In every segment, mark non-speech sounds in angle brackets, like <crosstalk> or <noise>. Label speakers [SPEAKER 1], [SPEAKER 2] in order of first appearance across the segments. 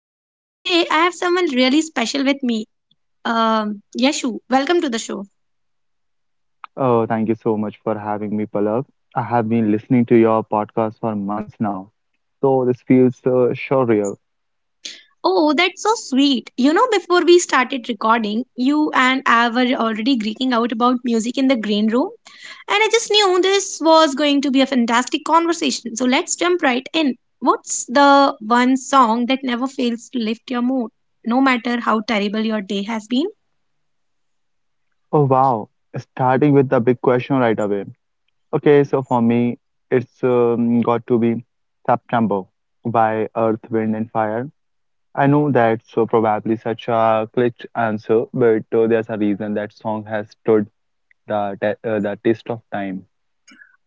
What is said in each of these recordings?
[SPEAKER 1] and today I have someone really special with me. Yashu, welcome to the show.
[SPEAKER 2] Oh, thank you so much for having me, Palak. I have been listening to your podcast for months now, so this feels surreal.
[SPEAKER 1] Oh, that's so sweet. You know, before we started recording, you and I were already greeting out about music in the green room, and I just knew this was going to be a fantastic conversation. So let's jump right in. What's the one song that never fails to lift your mood, no matter how terrible your day has been?
[SPEAKER 2] Oh, wow. Starting with the big question right away. Okay, so for me, it's got to be September by Earth, Wind, and Fire. I know that's probably such a cliché answer, but there's a reason that song has stood the test of time.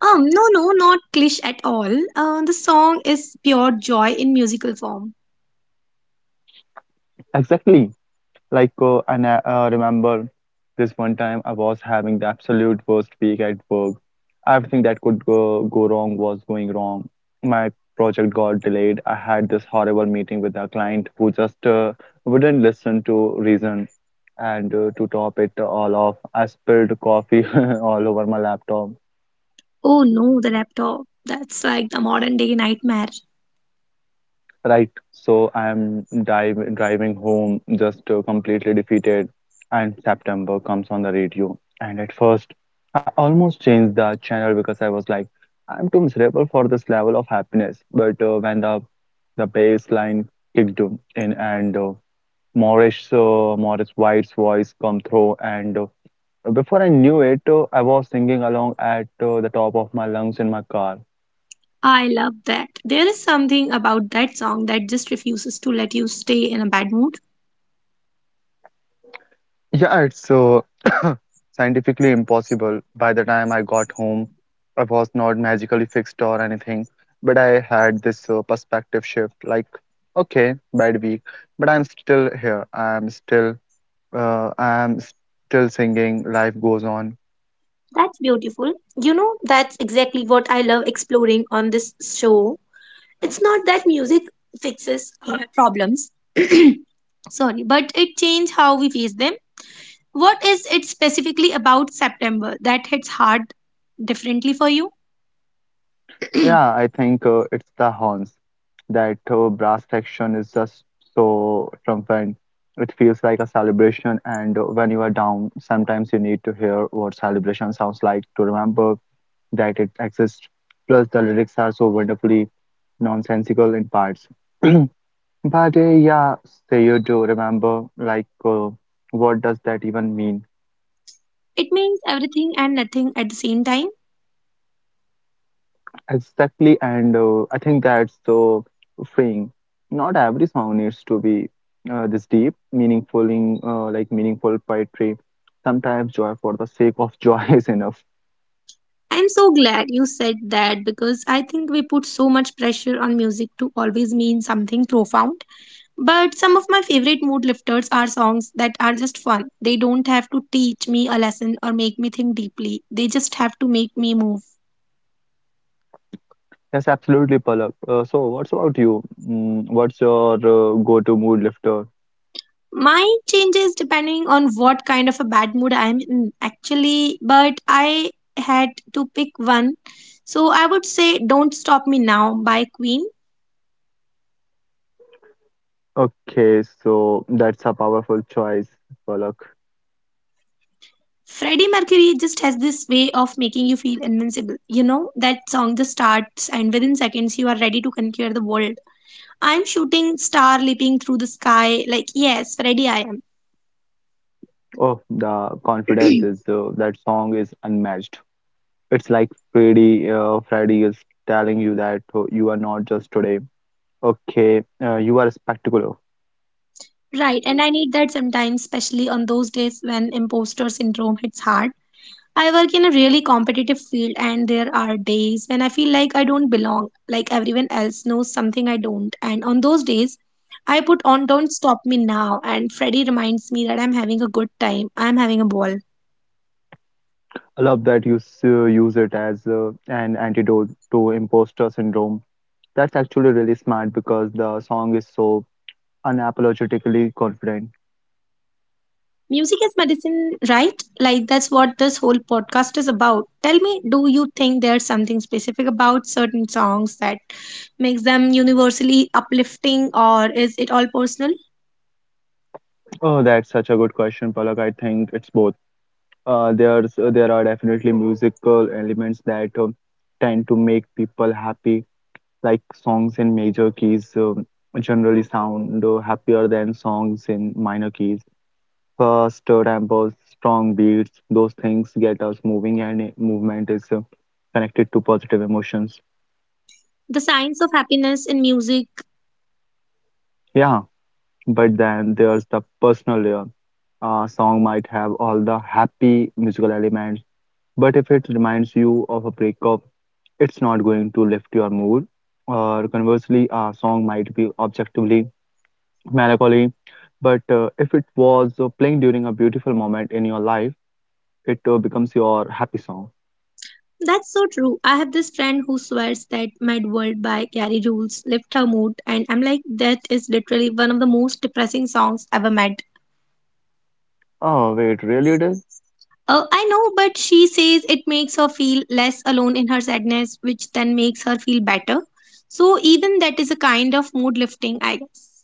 [SPEAKER 1] No, no, not cliché at all. The song is pure joy in musical form.
[SPEAKER 2] Exactly. Like, and I remember this one time I was having the absolute worst week at work. Everything that could go wrong was going wrong. My project got delayed. I had this horrible meeting with a client who just wouldn't listen to reason. And to top it all off, I spilled coffee <laughs> all over my laptop.
[SPEAKER 1] Oh no, the laptop. That's like the modern day nightmare.
[SPEAKER 2] Right, so I am driving home just completely defeated, and September comes on the radio. And at first, I almost changed the channel because I was like, I'm too miserable for this level of happiness. But when the bass line kicked in and Morris White's voice come through, and before I knew it, I was singing along at the top of my lungs in my car.
[SPEAKER 1] I love that. There is something about that song that just refuses to let you stay in a bad mood.
[SPEAKER 2] Yeah, it's <coughs> scientifically impossible. By the time I got home, I was not magically fixed or anything, but I had this perspective shift like, okay, bad week, but I'm still here. I'm still singing. Life goes on.
[SPEAKER 1] That's beautiful. You know, that's exactly what I love exploring on this show. It's not that music fixes our problems. <clears throat> Sorry, but it changes how we face them. What is it specifically about September that hits hard differently for you?
[SPEAKER 2] Yeah,
[SPEAKER 1] <clears throat>
[SPEAKER 2] I think it's the horns. That brass section is just so triumphant. It feels like a celebration, and when you are down, sometimes you need to hear what celebration sounds like to remember that it exists. Plus, the lyrics are so wonderfully nonsensical in parts. <clears throat> But yeah, say you do remember, what does that even mean?
[SPEAKER 1] It means everything and nothing at the same time.
[SPEAKER 2] Exactly, and I think that's the thing. Not every song needs to be this deep, meaningful, in, like meaningful poetry. Sometimes joy for the sake of joy <laughs> is enough.
[SPEAKER 1] I'm so glad you said that because I think we put so much pressure on music to always mean something profound. But some of my favorite mood lifters are songs that are just fun. They don't have to teach me a lesson or make me think deeply, they just have to make me move.
[SPEAKER 2] Yes, absolutely, Palak. So, what's about you? Mm, what's your go-to mood lifter?
[SPEAKER 1] Mine changes depending on what kind of a bad mood I'm in, actually, but I had to pick one. So I would say Don't Stop Me Now by Queen.
[SPEAKER 2] Okay, so that's a powerful choice, Palak.
[SPEAKER 1] Freddie Mercury just has this way of making you feel invincible. You know, that song just starts and within seconds you are ready to conquer the world. I'm shooting star leaping through the sky. Like, yes, Freddie, I am.
[SPEAKER 2] Oh, the confidence is that song is unmatched. It's like Freddie is telling you that you are not just today. Okay, you are spectacular.
[SPEAKER 1] Right, and I need that sometimes, especially on those days when imposter syndrome hits hard. I work in a really competitive field, and there are days when I feel like I don't belong, like everyone else knows something I don't. And on those days, I put on Don't Stop Me Now, and Freddie reminds me that I'm having a good time, I'm having a ball.
[SPEAKER 2] I love that you use it as an antidote to imposter syndrome. That's actually really smart because the song is so unapologetically confident.
[SPEAKER 1] Music is medicine, right? Like, that's what this whole podcast is about. Tell me, do you think there's something specific about certain songs that makes them universally uplifting, or is it all personal?
[SPEAKER 2] Oh, that's such a good question, Palak. I think it's both. There are definitely musical elements that tend to make people happy, like songs in major keys generally sound happier than songs in minor keys. Fast tempos, strong beats, those things get us moving, and movement is connected to positive emotions.
[SPEAKER 1] The science of happiness in music.
[SPEAKER 2] Yeah, but then there's the personal layer. A song might have all the happy musical elements, but if it reminds you of a breakup, it's not going to lift your mood. Or conversely, a song might be objectively melancholy, but if it was playing during a beautiful moment in your life, it becomes your happy song.
[SPEAKER 1] That's so true. I have this friend who swears that Mad World by Gary Jules lift her mood, and I'm like, that is literally one of the most depressing songs ever made.
[SPEAKER 2] Oh, wait, really did?
[SPEAKER 1] I know, but she says it makes her feel less alone in her sadness, which then makes her feel better. So, even that is a kind of mood lifting, I guess.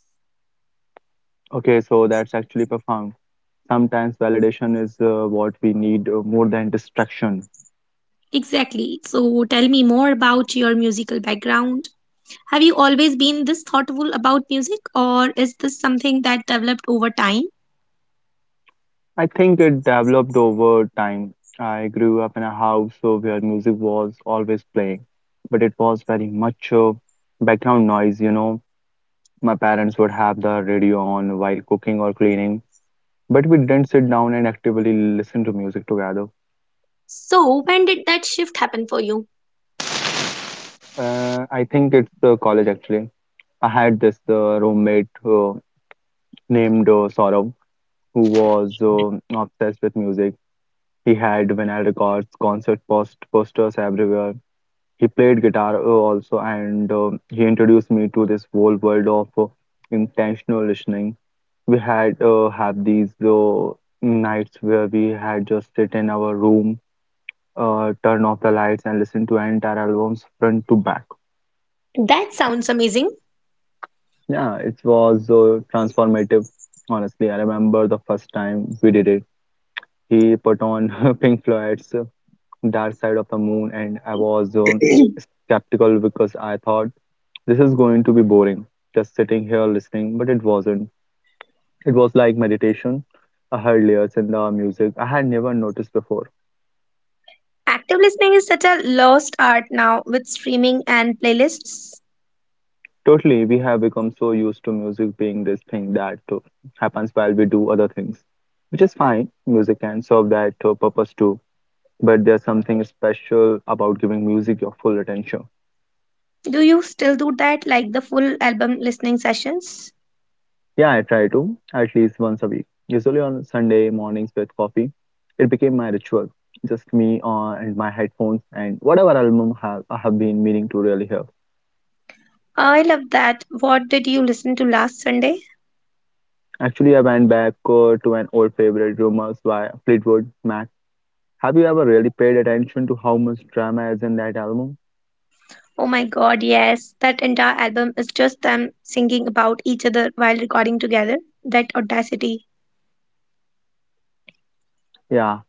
[SPEAKER 2] Okay, so that's actually profound. Sometimes validation is what we need more than distraction.
[SPEAKER 1] Exactly. So, tell me more about your musical background. Have you always been this thoughtful about music, or is this something that developed over time?
[SPEAKER 2] I think it developed over time. I grew up in a house where music was always playing, but it was very much background noise, you know. My parents would have the radio on while cooking or cleaning, but we didn't sit down and actively listen to music together.
[SPEAKER 1] So, when did that shift happen for you?
[SPEAKER 2] I think it's college actually. I had this roommate named Saurabh who was obsessed with music. He had vinyl records, concert posters everywhere. He played guitar also, and he introduced me to this whole world of intentional listening. We had have these nights where we had just sit in our room, turn off the lights, and listen to entire albums front to back.
[SPEAKER 1] That sounds amazing.
[SPEAKER 2] Yeah, it was transformative. Honestly, I remember the first time we did it. He put on <laughs> Pink Floyd's Dark Side of the Moon, and I was skeptical because I thought this is going to be boring, just sitting here listening, but it wasn't. It was like meditation. I heard layers in the music I had never noticed before.
[SPEAKER 1] Active listening is such a lost art now with streaming and playlists.
[SPEAKER 2] Totally, we have become so used to music being this thing that happens while we do other things, which is fine. Music can serve that purpose too, but there's something special about giving music your full attention.
[SPEAKER 1] Do you still do that, like the full album listening sessions?
[SPEAKER 2] Yeah, I try to at least once a week, usually on Sunday mornings with coffee. It became my ritual, just me on and my headphones and whatever album I have been meaning to really hear.
[SPEAKER 1] I love that. What did you listen to last Sunday?
[SPEAKER 2] Actually, I went back to an old favorite, Rumors by Fleetwood Mac. Have you ever really paid attention to how much drama is in that album?
[SPEAKER 1] Oh my god, yes. That entire album is just them singing about each other while recording together. That audacity.
[SPEAKER 2] Yeah,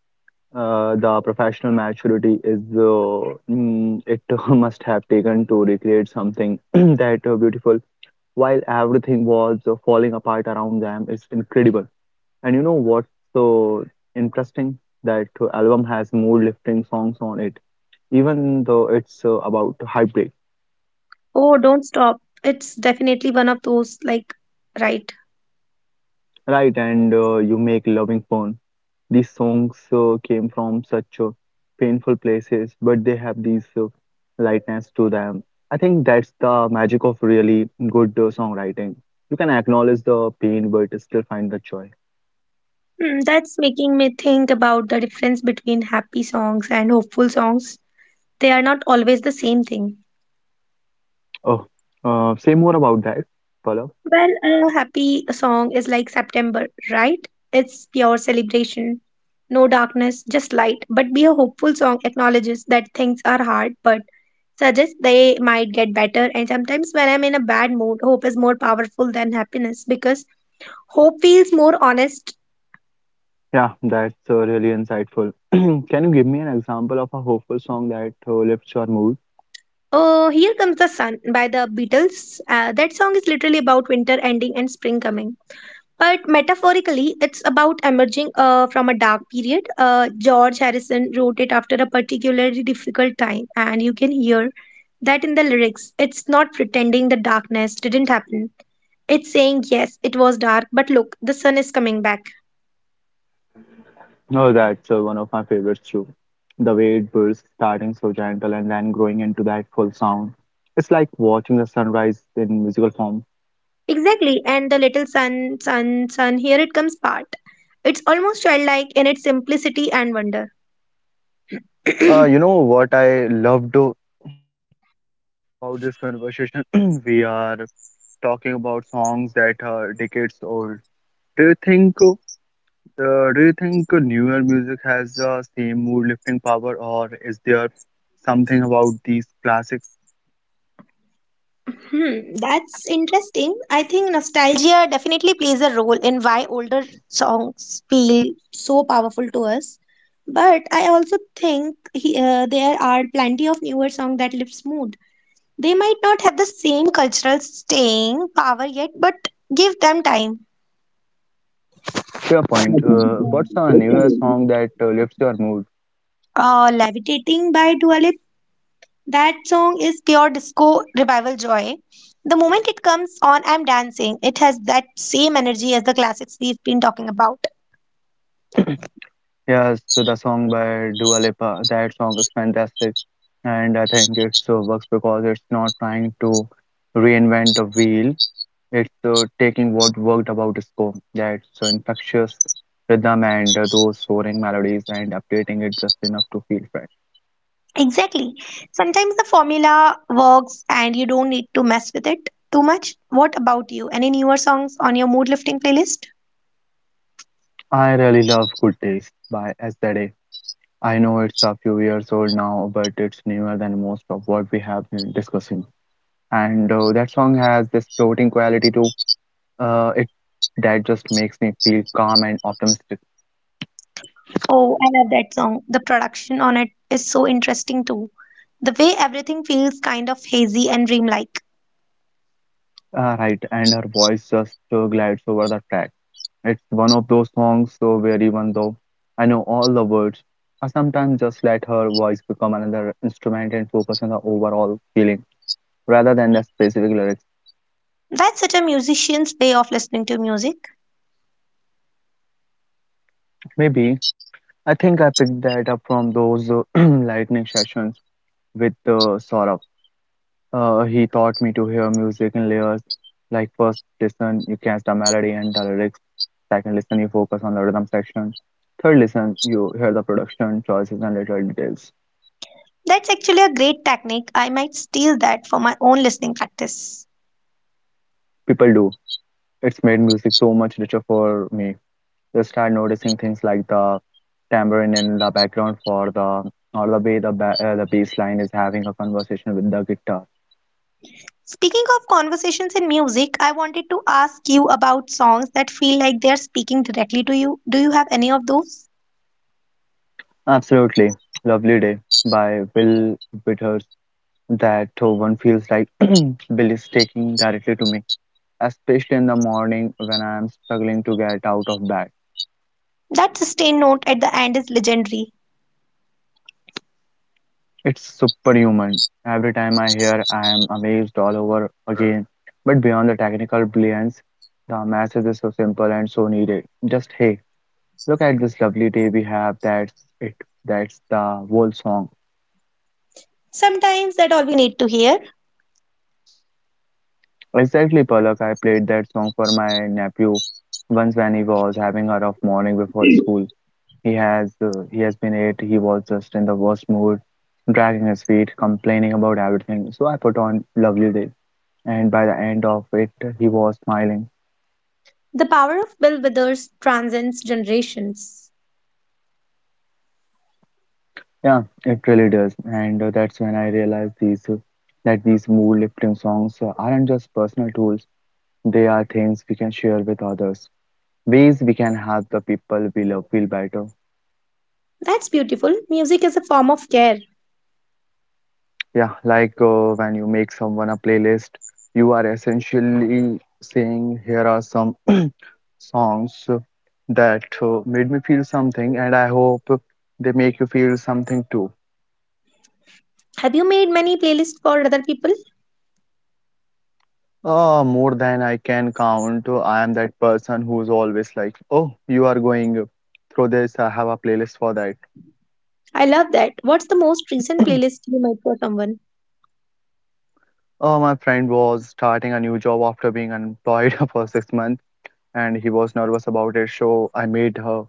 [SPEAKER 2] the professional maturity is it <laughs> must have taken to recreate something <clears throat> that beautiful while everything was falling apart around them is incredible. And you know what's so interesting? That album has more lifting songs on it, even though it's about heartbreak,
[SPEAKER 1] Oh, don't stop. It's definitely one of those, like, right.
[SPEAKER 2] right? And you make loving fun. These songs came from such painful places, but they have these lightness to them. I think that's the magic of really good songwriting. You can acknowledge the pain, but still find the joy.
[SPEAKER 1] Hmm, that's making me think about the difference between happy songs and hopeful songs. They are not always the same thing.
[SPEAKER 2] Oh, say more about that. Pallav.
[SPEAKER 1] Well, a happy song is like September, right? It's pure celebration. No darkness, just light. But be a hopeful song acknowledges that things are hard, but suggests they might get better. And sometimes when I'm in a bad mood, hope is more powerful than happiness because hope feels more honest.
[SPEAKER 2] Yeah, that's really insightful. <clears throat> Can you give me an example of a hopeful song that lifts your mood?
[SPEAKER 1] Oh, Here Comes the Sun by the Beatles. That song is literally about winter ending and spring coming. But metaphorically, it's about emerging from a dark period. George Harrison wrote it after a particularly difficult time, and you can hear that in the lyrics. It's not pretending the darkness didn't happen. It's saying, yes, it was dark, but look, the sun is coming back.
[SPEAKER 2] Oh, that's one of my favorites too. The way it bursts, starting so gentle and then growing into that full sound. It's like watching the sunrise in musical form.
[SPEAKER 1] Exactly, and the little sun, sun, sun, here it comes part. It's almost childlike in its simplicity and wonder.
[SPEAKER 2] You know what I loved about this conversation? <clears throat> We are talking about songs that are decades old. Do you think So, do you think newer music has the same mood-lifting power, or is there something about these classics?
[SPEAKER 1] Hmm, that's interesting. I think nostalgia definitely plays a role in why older songs feel so powerful to us. But I also think there are plenty of newer songs that live smooth. They might not have the same cultural staying power yet, but give them time.
[SPEAKER 2] Fair point. What's a newer song that lifts your mood?
[SPEAKER 1] Levitating by Dua Lipa. That song is pure disco revival joy. The moment it comes on, I'm dancing. It has that same energy as the classics we've been talking about.
[SPEAKER 2] Yes, so the song by Dua Lipa. That song is fantastic, and I think it so works because it's not trying to reinvent the wheel. It's taking what worked about disco, that so infectious rhythm and those soaring melodies, and updating it just enough to feel fresh.
[SPEAKER 1] Exactly. Sometimes the formula works and you don't need to mess with it too much. What about you? Any newer songs on your mood lifting playlist?
[SPEAKER 2] I really love Good Taste by Estelle. I know it's a few years old now, but it's newer than most of what we have been discussing. And that song has this floating quality to it that just makes me feel calm and optimistic.
[SPEAKER 1] Oh, I love that song. The production on it is so interesting too. The way everything feels kind of hazy and dreamlike.
[SPEAKER 2] Right, and her voice just glides over the track. It's one of those songs so where even though I know all the words, I sometimes just let her voice become another instrument and focus on the overall feeling rather than the specific lyrics.
[SPEAKER 1] That's such a musician's way of listening to music.
[SPEAKER 2] Maybe I think I picked that up from those <clears throat> lightning sessions with Saurabh. He taught me to hear music in layers. Like first listen, you catch the melody and the lyrics. Second listen, you focus on the rhythm section. Third listen, you hear the production choices and little details.
[SPEAKER 1] That's actually a great technique. I might steal that for my own listening practice.
[SPEAKER 2] People do. It's made music so much richer for me. You start noticing things like the tambourine in the background for the or the way the bass line is having a conversation with the guitar.
[SPEAKER 1] Speaking of conversations in music, I wanted to ask you about songs that feel like they're speaking directly to you. Do you have any of those?
[SPEAKER 2] Absolutely. Lovely Day by Will Withers, that one feels like <clears throat> Bill is taking directly to me, especially in the morning when I am struggling to get out of bed.
[SPEAKER 1] That sustained note at the end is legendary.
[SPEAKER 2] It's superhuman. Every time I hear, I am amazed all over again. But beyond the technical brilliance, the message is so simple and so needed. Just hey, look at this lovely day we have. That's it. That's the whole song.
[SPEAKER 1] Sometimes that's all we need to hear.
[SPEAKER 2] Exactly, Palak. I played that song for my nephew once when he was having a rough morning before school. He has been eight. He was just in the worst mood, dragging his feet, complaining about everything. So I put on Lovely Day, and by the end of it, he was smiling.
[SPEAKER 1] The power of Bill Withers transcends generations.
[SPEAKER 2] Yeah, it really does. And that's when I realized these that these mood lifting songs aren't just personal tools. They are things we can share with others, ways we can help the people we love feel better.
[SPEAKER 1] That's beautiful. Music is a form of care.
[SPEAKER 2] Yeah, like when you make someone a playlist, you are essentially saying, here are some songs that made me feel something, and I hope they make you feel something too.
[SPEAKER 1] Have you made many playlists for other people?
[SPEAKER 2] More than I can count. I am that person who's always like, oh, you are going through this, I have a playlist for that.
[SPEAKER 1] I love that. What's the most recent playlist you made for someone?
[SPEAKER 2] Oh, my friend was starting a new job after being unemployed <laughs> for 6 months. And he was nervous about it, so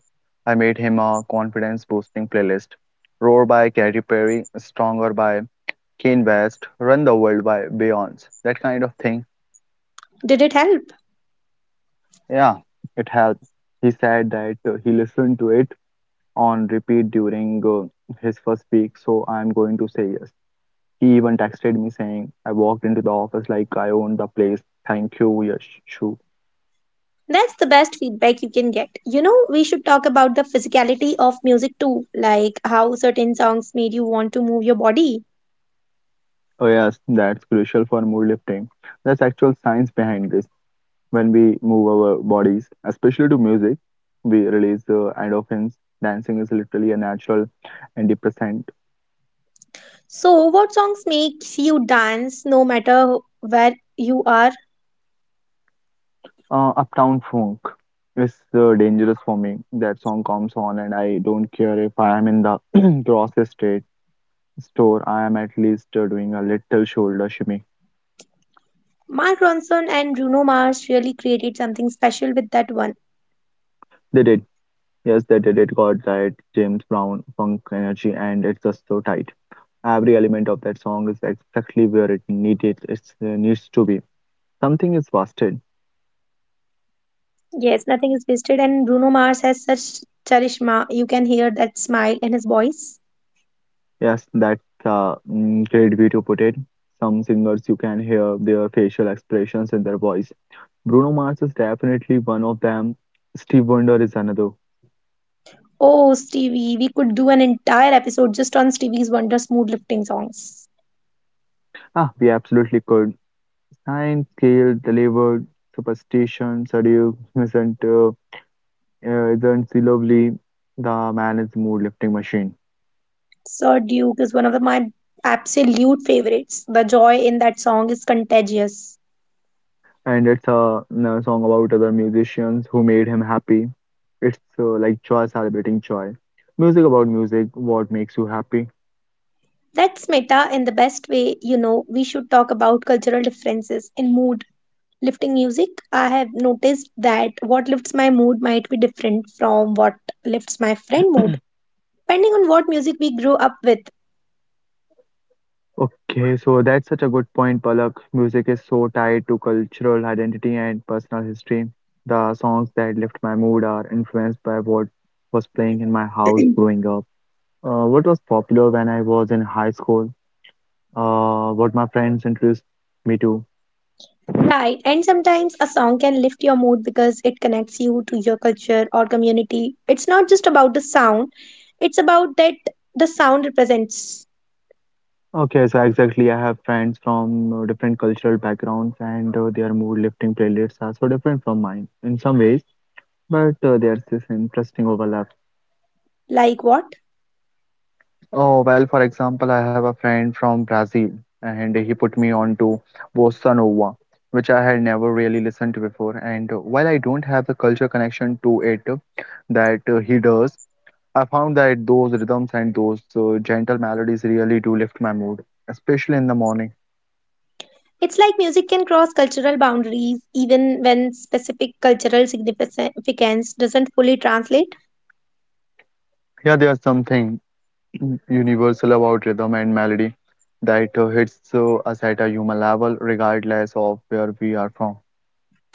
[SPEAKER 2] I made him a confidence boosting playlist. Roar by Katy Perry, Stronger by Kanye West, Run the World by Beyonce, that kind of thing.
[SPEAKER 1] Did it help?
[SPEAKER 2] Yeah, it helped. He said that he listened to it on repeat during his first week, so I'm going to say yes. He even texted me saying, I walked into the office like I own the place. Thank you, Yashu.
[SPEAKER 1] That's the best feedback you can get. You know, we should talk about the physicality of music too, like how certain songs made you want to move your body.
[SPEAKER 2] Oh, yes, that's crucial for mood lifting. There's actual science behind this. When we move our bodies, especially to music, we release endorphins. Dancing is literally a natural antidepressant.
[SPEAKER 1] So, what songs makes you dance no matter where you are?
[SPEAKER 2] Uptown Funk is dangerous for me. That song comes on, and I don't care if I am in the <clears throat> grocery state store. I am at least doing a little shoulder shimmy.
[SPEAKER 1] Mark Ronson and Bruno Mars really created something special with that one.
[SPEAKER 2] They did. Yes, they did it. God right. James Brown, funk energy, and it's just so tight. Every element of that song is exactly where it needed. It needs to be. Something is busted.
[SPEAKER 1] Yes, nothing is wasted, and Bruno Mars has such charisma. You can hear that smile in his voice.
[SPEAKER 2] Yes, that's a great way to put it. Some singers you can hear their facial expressions in their voice. Bruno Mars is definitely one of them. Steve Wonder is another.
[SPEAKER 1] Oh, Stevie, we could do an entire episode just on Stevie's wonder, smooth, lifting songs.
[SPEAKER 2] Ah, we absolutely could. Sign, scale, delivered, superstition, seduce, isn't uh, isn't she lovely? The man is mood lifting machine.
[SPEAKER 1] Sir Duke is one of my absolute favorites. The joy in that song is contagious.
[SPEAKER 2] And it's a song about other musicians who made him happy. It's like joy celebrating joy. Music about music, what makes you happy?
[SPEAKER 1] That's meta in the best way, you know. We should talk about cultural differences in mood lifting music. I have noticed that what lifts my mood might be different from what lifts my friend mood, depending on what music we grew up with.
[SPEAKER 2] Okay, so that's such a good point, Palak. Music is so tied to cultural identity and personal history. The songs that lift my mood are influenced by what was playing in my house growing up, what was popular when I was in high school, what my friends introduced me to.
[SPEAKER 1] Right, and sometimes a song can lift your mood because it connects you to your culture or community. It's not just about the sound, it's about that the sound represents.
[SPEAKER 2] Okay, so exactly, I have friends from different cultural backgrounds, and their mood lifting playlists are so different from mine in some ways, but there's this interesting overlap.
[SPEAKER 1] Like what?
[SPEAKER 2] Oh, well, for example, I have a friend from Brazil and he put me on to bossa nova, which I had never really listened to before. And while I don't have the culture connection to it that he does, I found that those rhythms and those gentle melodies really do lift my mood, especially in the morning.
[SPEAKER 1] It's like music can cross cultural boundaries even when specific cultural significance doesn't fully translate.
[SPEAKER 2] Yeah, there's something <clears throat> universal about rhythm and melody that hits us at a human level, regardless of where we are from.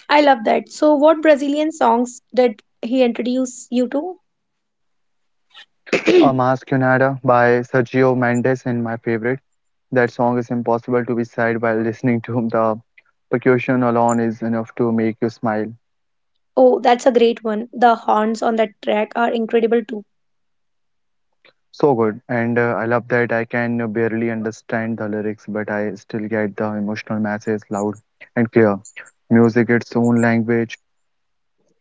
[SPEAKER 1] I love that. So, what Brazilian songs did he introduce you to?
[SPEAKER 2] Mas Cunada by Sergio Mendes and my favorite. That song is impossible to be sad while listening to <laughs> the percussion alone is enough to make you smile.
[SPEAKER 1] Oh, that's a great one. The horns on that track are incredible too.
[SPEAKER 2] So good, and I love that I can barely understand the lyrics, but I still get the emotional message loud and clear. Music its own language.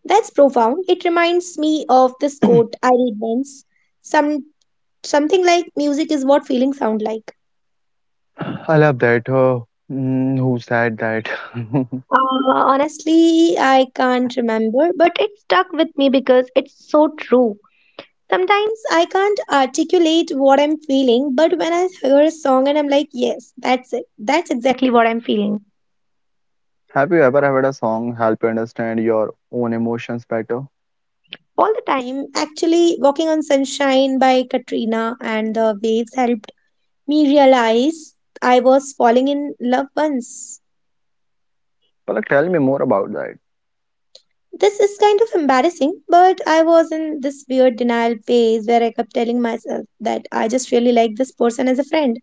[SPEAKER 1] That's profound. It reminds me of this quote I read once. Some something like music is what feelings sound like.
[SPEAKER 2] I love that. Who said that? <laughs>
[SPEAKER 1] Honestly, I can't remember, but it stuck with me because it's so true. Sometimes I can't articulate what I'm feeling, but when I hear a song and I'm like, yes, that's it. That's exactly what I'm feeling.
[SPEAKER 2] Have you ever heard a song help you understand your own emotions better?
[SPEAKER 1] All the time, actually, Walking on Sunshine by Katrina and the waves helped me realize I was falling in love once.
[SPEAKER 2] Well, tell me more about that.
[SPEAKER 1] This is kind of embarrassing, but I was in this weird denial phase where I kept telling myself that I just really like this person as a friend.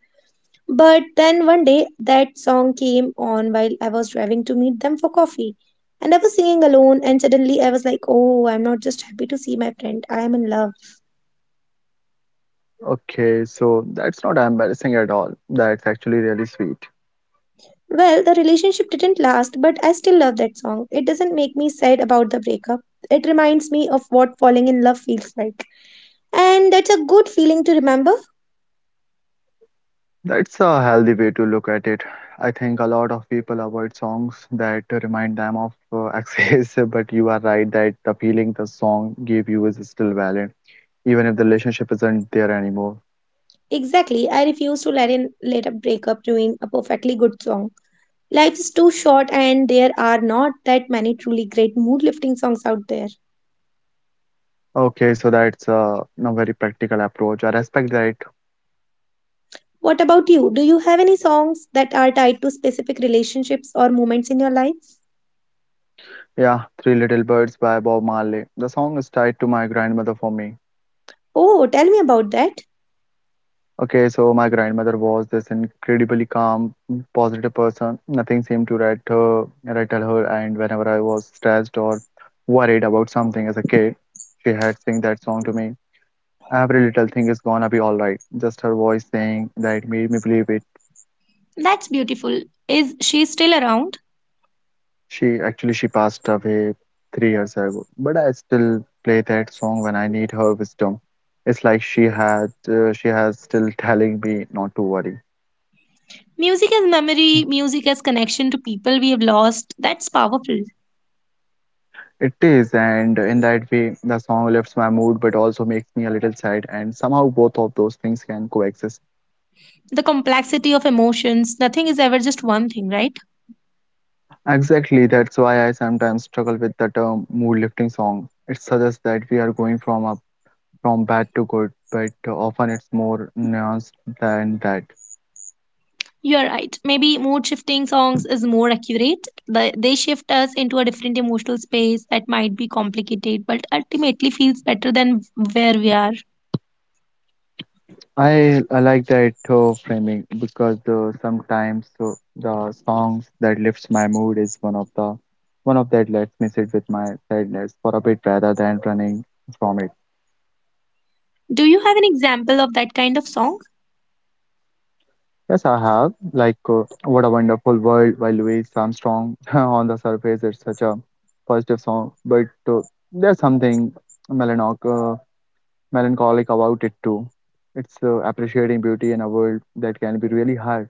[SPEAKER 1] But then one day that song came on while I was driving to meet them for coffee. And I was singing alone, and suddenly I was like, oh, I'm not just happy to see my friend, I am in love.
[SPEAKER 2] Okay, so that's not embarrassing at all. That's actually really sweet.
[SPEAKER 1] Well, the relationship didn't last, but I still love that song. It doesn't make me sad about the breakup, it reminds me of what falling in love feels like. And that's a good feeling to remember.
[SPEAKER 2] That's a healthy way to look at it. I think a lot of people avoid songs that remind them of <laughs> exes, but you are right that the feeling the song gave you is still valid, even if the relationship isn't there anymore.
[SPEAKER 1] Exactly, I refuse to let a breakup ruin a perfectly good song. Life is too short, and there are not that many truly great mood lifting songs out there.
[SPEAKER 2] Okay, so that's a very practical approach. I respect that.
[SPEAKER 1] What about you? Do you have any songs that are tied to specific relationships or moments in your life?
[SPEAKER 2] Yeah, Three Little Birds by Bob Marley. The song is tied to my grandmother for me.
[SPEAKER 1] Oh, tell me about that.
[SPEAKER 2] Okay, so my grandmother was this incredibly calm, positive person. Nothing seemed to rattle her, right at her. And whenever I was stressed or worried about something as a kid, she had sing that song to me. Every little thing is gonna be all right. Just her voice saying that made me believe it.
[SPEAKER 1] That's beautiful. Is she still around?
[SPEAKER 2] She actually she passed away 3 years ago, but I still play that song when I need her wisdom. It's like she has still telling me not to worry.
[SPEAKER 1] Music as memory, music as connection to people we have lost. That's powerful.
[SPEAKER 2] It is, and in that way, the song lifts my mood but also makes me a little sad, and somehow both of those things can coexist.
[SPEAKER 1] The complexity of emotions, nothing is ever just one thing, right?
[SPEAKER 2] Exactly, that's why I sometimes struggle with the term mood lifting song. It suggests that we are going from bad to good, but often it's more nuanced than that.
[SPEAKER 1] You are right. Maybe mood shifting songs is more accurate. They shift us into a different emotional space that might be complicated, but ultimately feels better than where we are.
[SPEAKER 2] I like that framing because sometimes the songs that lifts my mood is one of that lets me sit with my sadness for a bit rather than running from it.
[SPEAKER 1] Do you have an example of that kind of song?
[SPEAKER 2] Yes, I have. Like, what a wonderful world by Louis Armstrong. <laughs> On the surface, it's such a positive song, but there's something melancholic, uh, melancholic about it too. It's appreciating beauty in a world that can be really hard.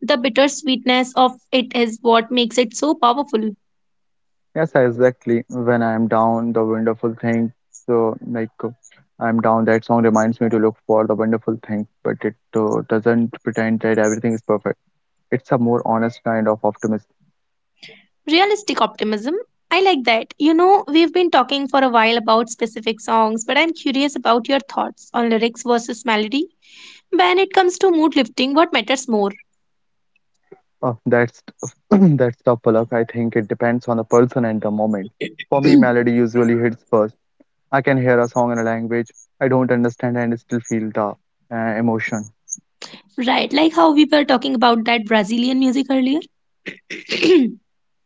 [SPEAKER 1] The bittersweetness of it is what makes it so powerful.
[SPEAKER 2] Yes, exactly. When I'm down, the wonderful thing. So, I'm down. That song reminds me to look for the wonderful thing, but it doesn't pretend that everything is perfect. It's a more honest kind of optimism.
[SPEAKER 1] Realistic optimism. I like that. You know, we've been talking for a while about specific songs, but I'm curious about your thoughts on lyrics versus melody. When it comes to mood lifting, what matters more?
[SPEAKER 2] That's <clears throat> that's tough, Palak. I think it depends on the person and the moment. For me, melody usually hits first. I can hear a song in a language I don't understand and still feel the emotion.
[SPEAKER 1] Right, like how we were talking about that Brazilian music earlier. <clears throat>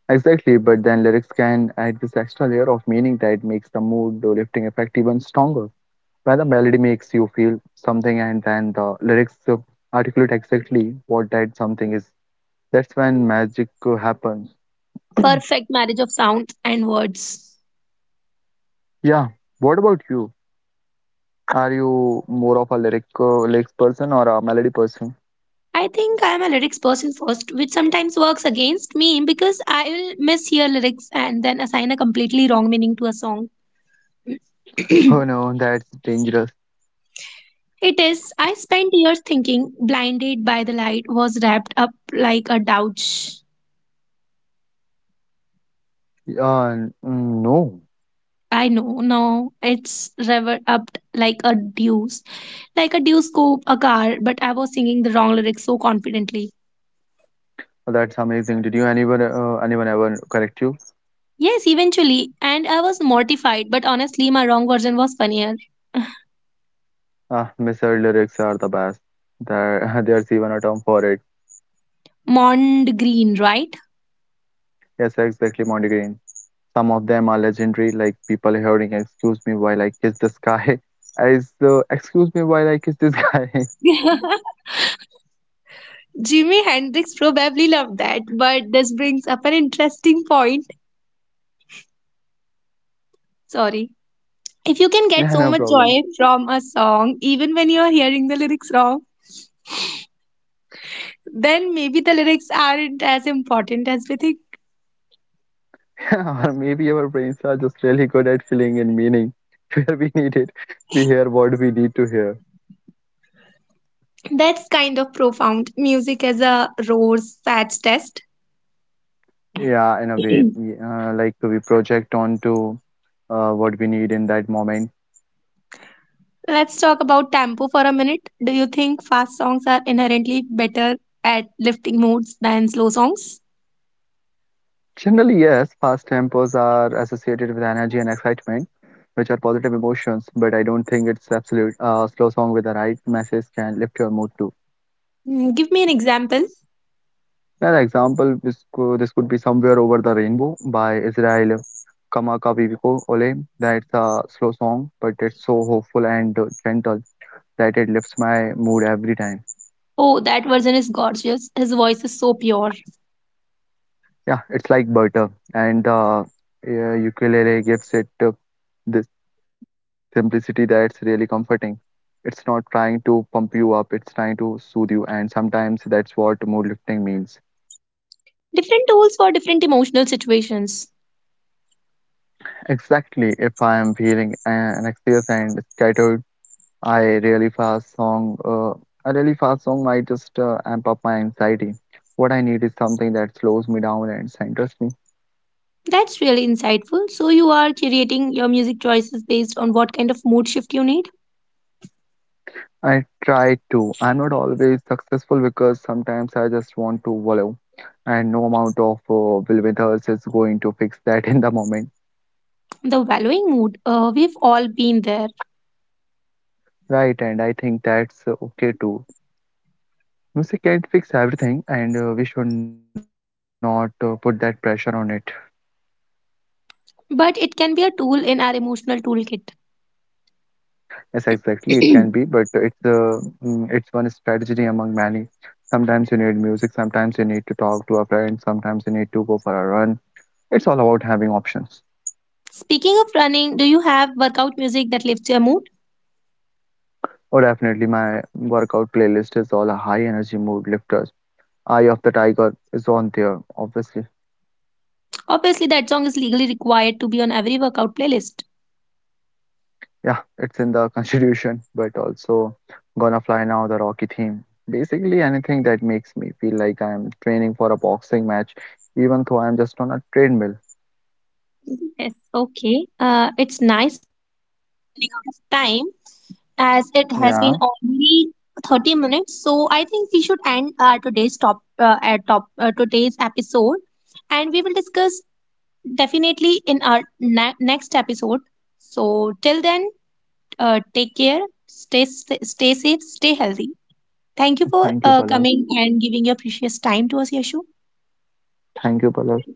[SPEAKER 2] Exactly, but then lyrics can add this extra layer of meaning that makes the mood or lifting effect even stronger. When the melody makes you feel something and then the lyrics articulate exactly what that something is, that's when magic happens. <clears throat>
[SPEAKER 1] Perfect marriage of sounds and words.
[SPEAKER 2] Yeah, what about you? Are you more of a lyrics person or a melody person?
[SPEAKER 1] I think I'm a lyrics person first, which sometimes works against me because I will mishear lyrics and then assign a completely wrong meaning to a song.
[SPEAKER 2] Oh no, that's dangerous.
[SPEAKER 1] It is, I spent years thinking blinded by the light was wrapped up like a douche.
[SPEAKER 2] No,
[SPEAKER 1] I know, no, it's wrapped up like a deuce scope, a car, but I was singing the wrong lyrics so confidently.
[SPEAKER 2] that's amazing. Did you anyone ever correct you?
[SPEAKER 1] Yes, eventually, and I was mortified, but honestly, my wrong version was funnier. <laughs>
[SPEAKER 2] Ah, Mr. Lyrics are the best. <laughs> There's even a term for it.
[SPEAKER 1] Mond green, right?
[SPEAKER 2] Yes, exactly, Monty Green. Some of them are legendary, like people hearing "Excuse me while <laughs> I kiss the sky." <laughs> as "Excuse me while I kiss this guy." <laughs>
[SPEAKER 1] <laughs> Jimi Hendrix probably loved that, but this brings up an interesting point. Sorry. If you can get
[SPEAKER 2] Yeah,
[SPEAKER 1] so
[SPEAKER 2] no
[SPEAKER 1] much
[SPEAKER 2] problem.
[SPEAKER 1] joy from a song, even when you're hearing the lyrics wrong, then maybe the lyrics aren't as important as we think.
[SPEAKER 2] Yeah, <laughs> or maybe our brains are just really good at filling in meaning <laughs> where we need it. We hear what we need to hear.
[SPEAKER 1] That's kind of profound. Music as a roar's sad test.
[SPEAKER 2] Yeah, in a way,
[SPEAKER 1] <clears throat>
[SPEAKER 2] like we project onto what we need in that moment.
[SPEAKER 1] Let's talk about tempo for a minute. Do you think fast songs are inherently better at lifting moods than slow songs?
[SPEAKER 2] Generally, yes, fast tempos are associated with energy and excitement, which are positive emotions, but I don't think it's absolute. A slow song with the right message can lift your mood too.
[SPEAKER 1] Mm, give me an example.
[SPEAKER 2] Another example, this could be Somewhere Over the Rainbow by Israel Kamakawiwiko Ole. That's a slow song, but it's so hopeful and gentle that it lifts my mood every time.
[SPEAKER 1] Oh, that version is gorgeous. His voice is so pure.
[SPEAKER 2] Yeah, it's like butter, and yeah, ukulele gives it this simplicity that's really comforting. It's not trying to pump you up, it's trying to soothe you, and sometimes that's what mood lifting means.
[SPEAKER 1] Different tools for different emotional situations.
[SPEAKER 2] Exactly, if I am feeling anxious and scattered I really fast song. A really fast song might just amp up my anxiety. What I need is something that slows me down and centers me.
[SPEAKER 1] That's really insightful. So, you are curating your music choices based on what kind of mood shift you need.
[SPEAKER 2] I try to. I'm not always successful because sometimes I just want to wallow, and no amount of will with us is going to fix that <laughs> in the moment,
[SPEAKER 1] The valuing mood, we've all been there,
[SPEAKER 2] right? And I think that's okay too. Music can't fix everything, and we should not put that pressure on it.
[SPEAKER 1] but it can be a tool in our emotional toolkit.
[SPEAKER 2] Yes, exactly. It can be,
[SPEAKER 1] <clears throat>
[SPEAKER 2] but it's it's one strategy among many. Sometimes you need music, sometimes you need to talk to a friend, sometimes you need to go for a run. It's all about having options.
[SPEAKER 1] Speaking of running, do you have workout music that lifts your mood?
[SPEAKER 2] Oh, definitely, my workout playlist is all a high energy mood lifters. Eye of the Tiger is on there, obviously.
[SPEAKER 1] Obviously, that song is legally required to be on every workout playlist.
[SPEAKER 2] Yeah, it's in the <laughs> constitution, but also Gonna Fly Now, the Rocky theme. Basically, anything that makes me feel like I'm training for a boxing match, even though I'm just on a treadmill.
[SPEAKER 1] Yes, okay. It's nice running out of time. As it has been
[SPEAKER 2] Yeah.
[SPEAKER 1] only 30 minutes, so I think we should end today's top top today's episode, and we will discuss definitely in our next episode. So till then, take care, stay stay safe, stay healthy. Thank you for
[SPEAKER 2] Thank you, Palak.
[SPEAKER 1] coming and giving your precious time to us, Yashu.
[SPEAKER 2] Thank you, Palak.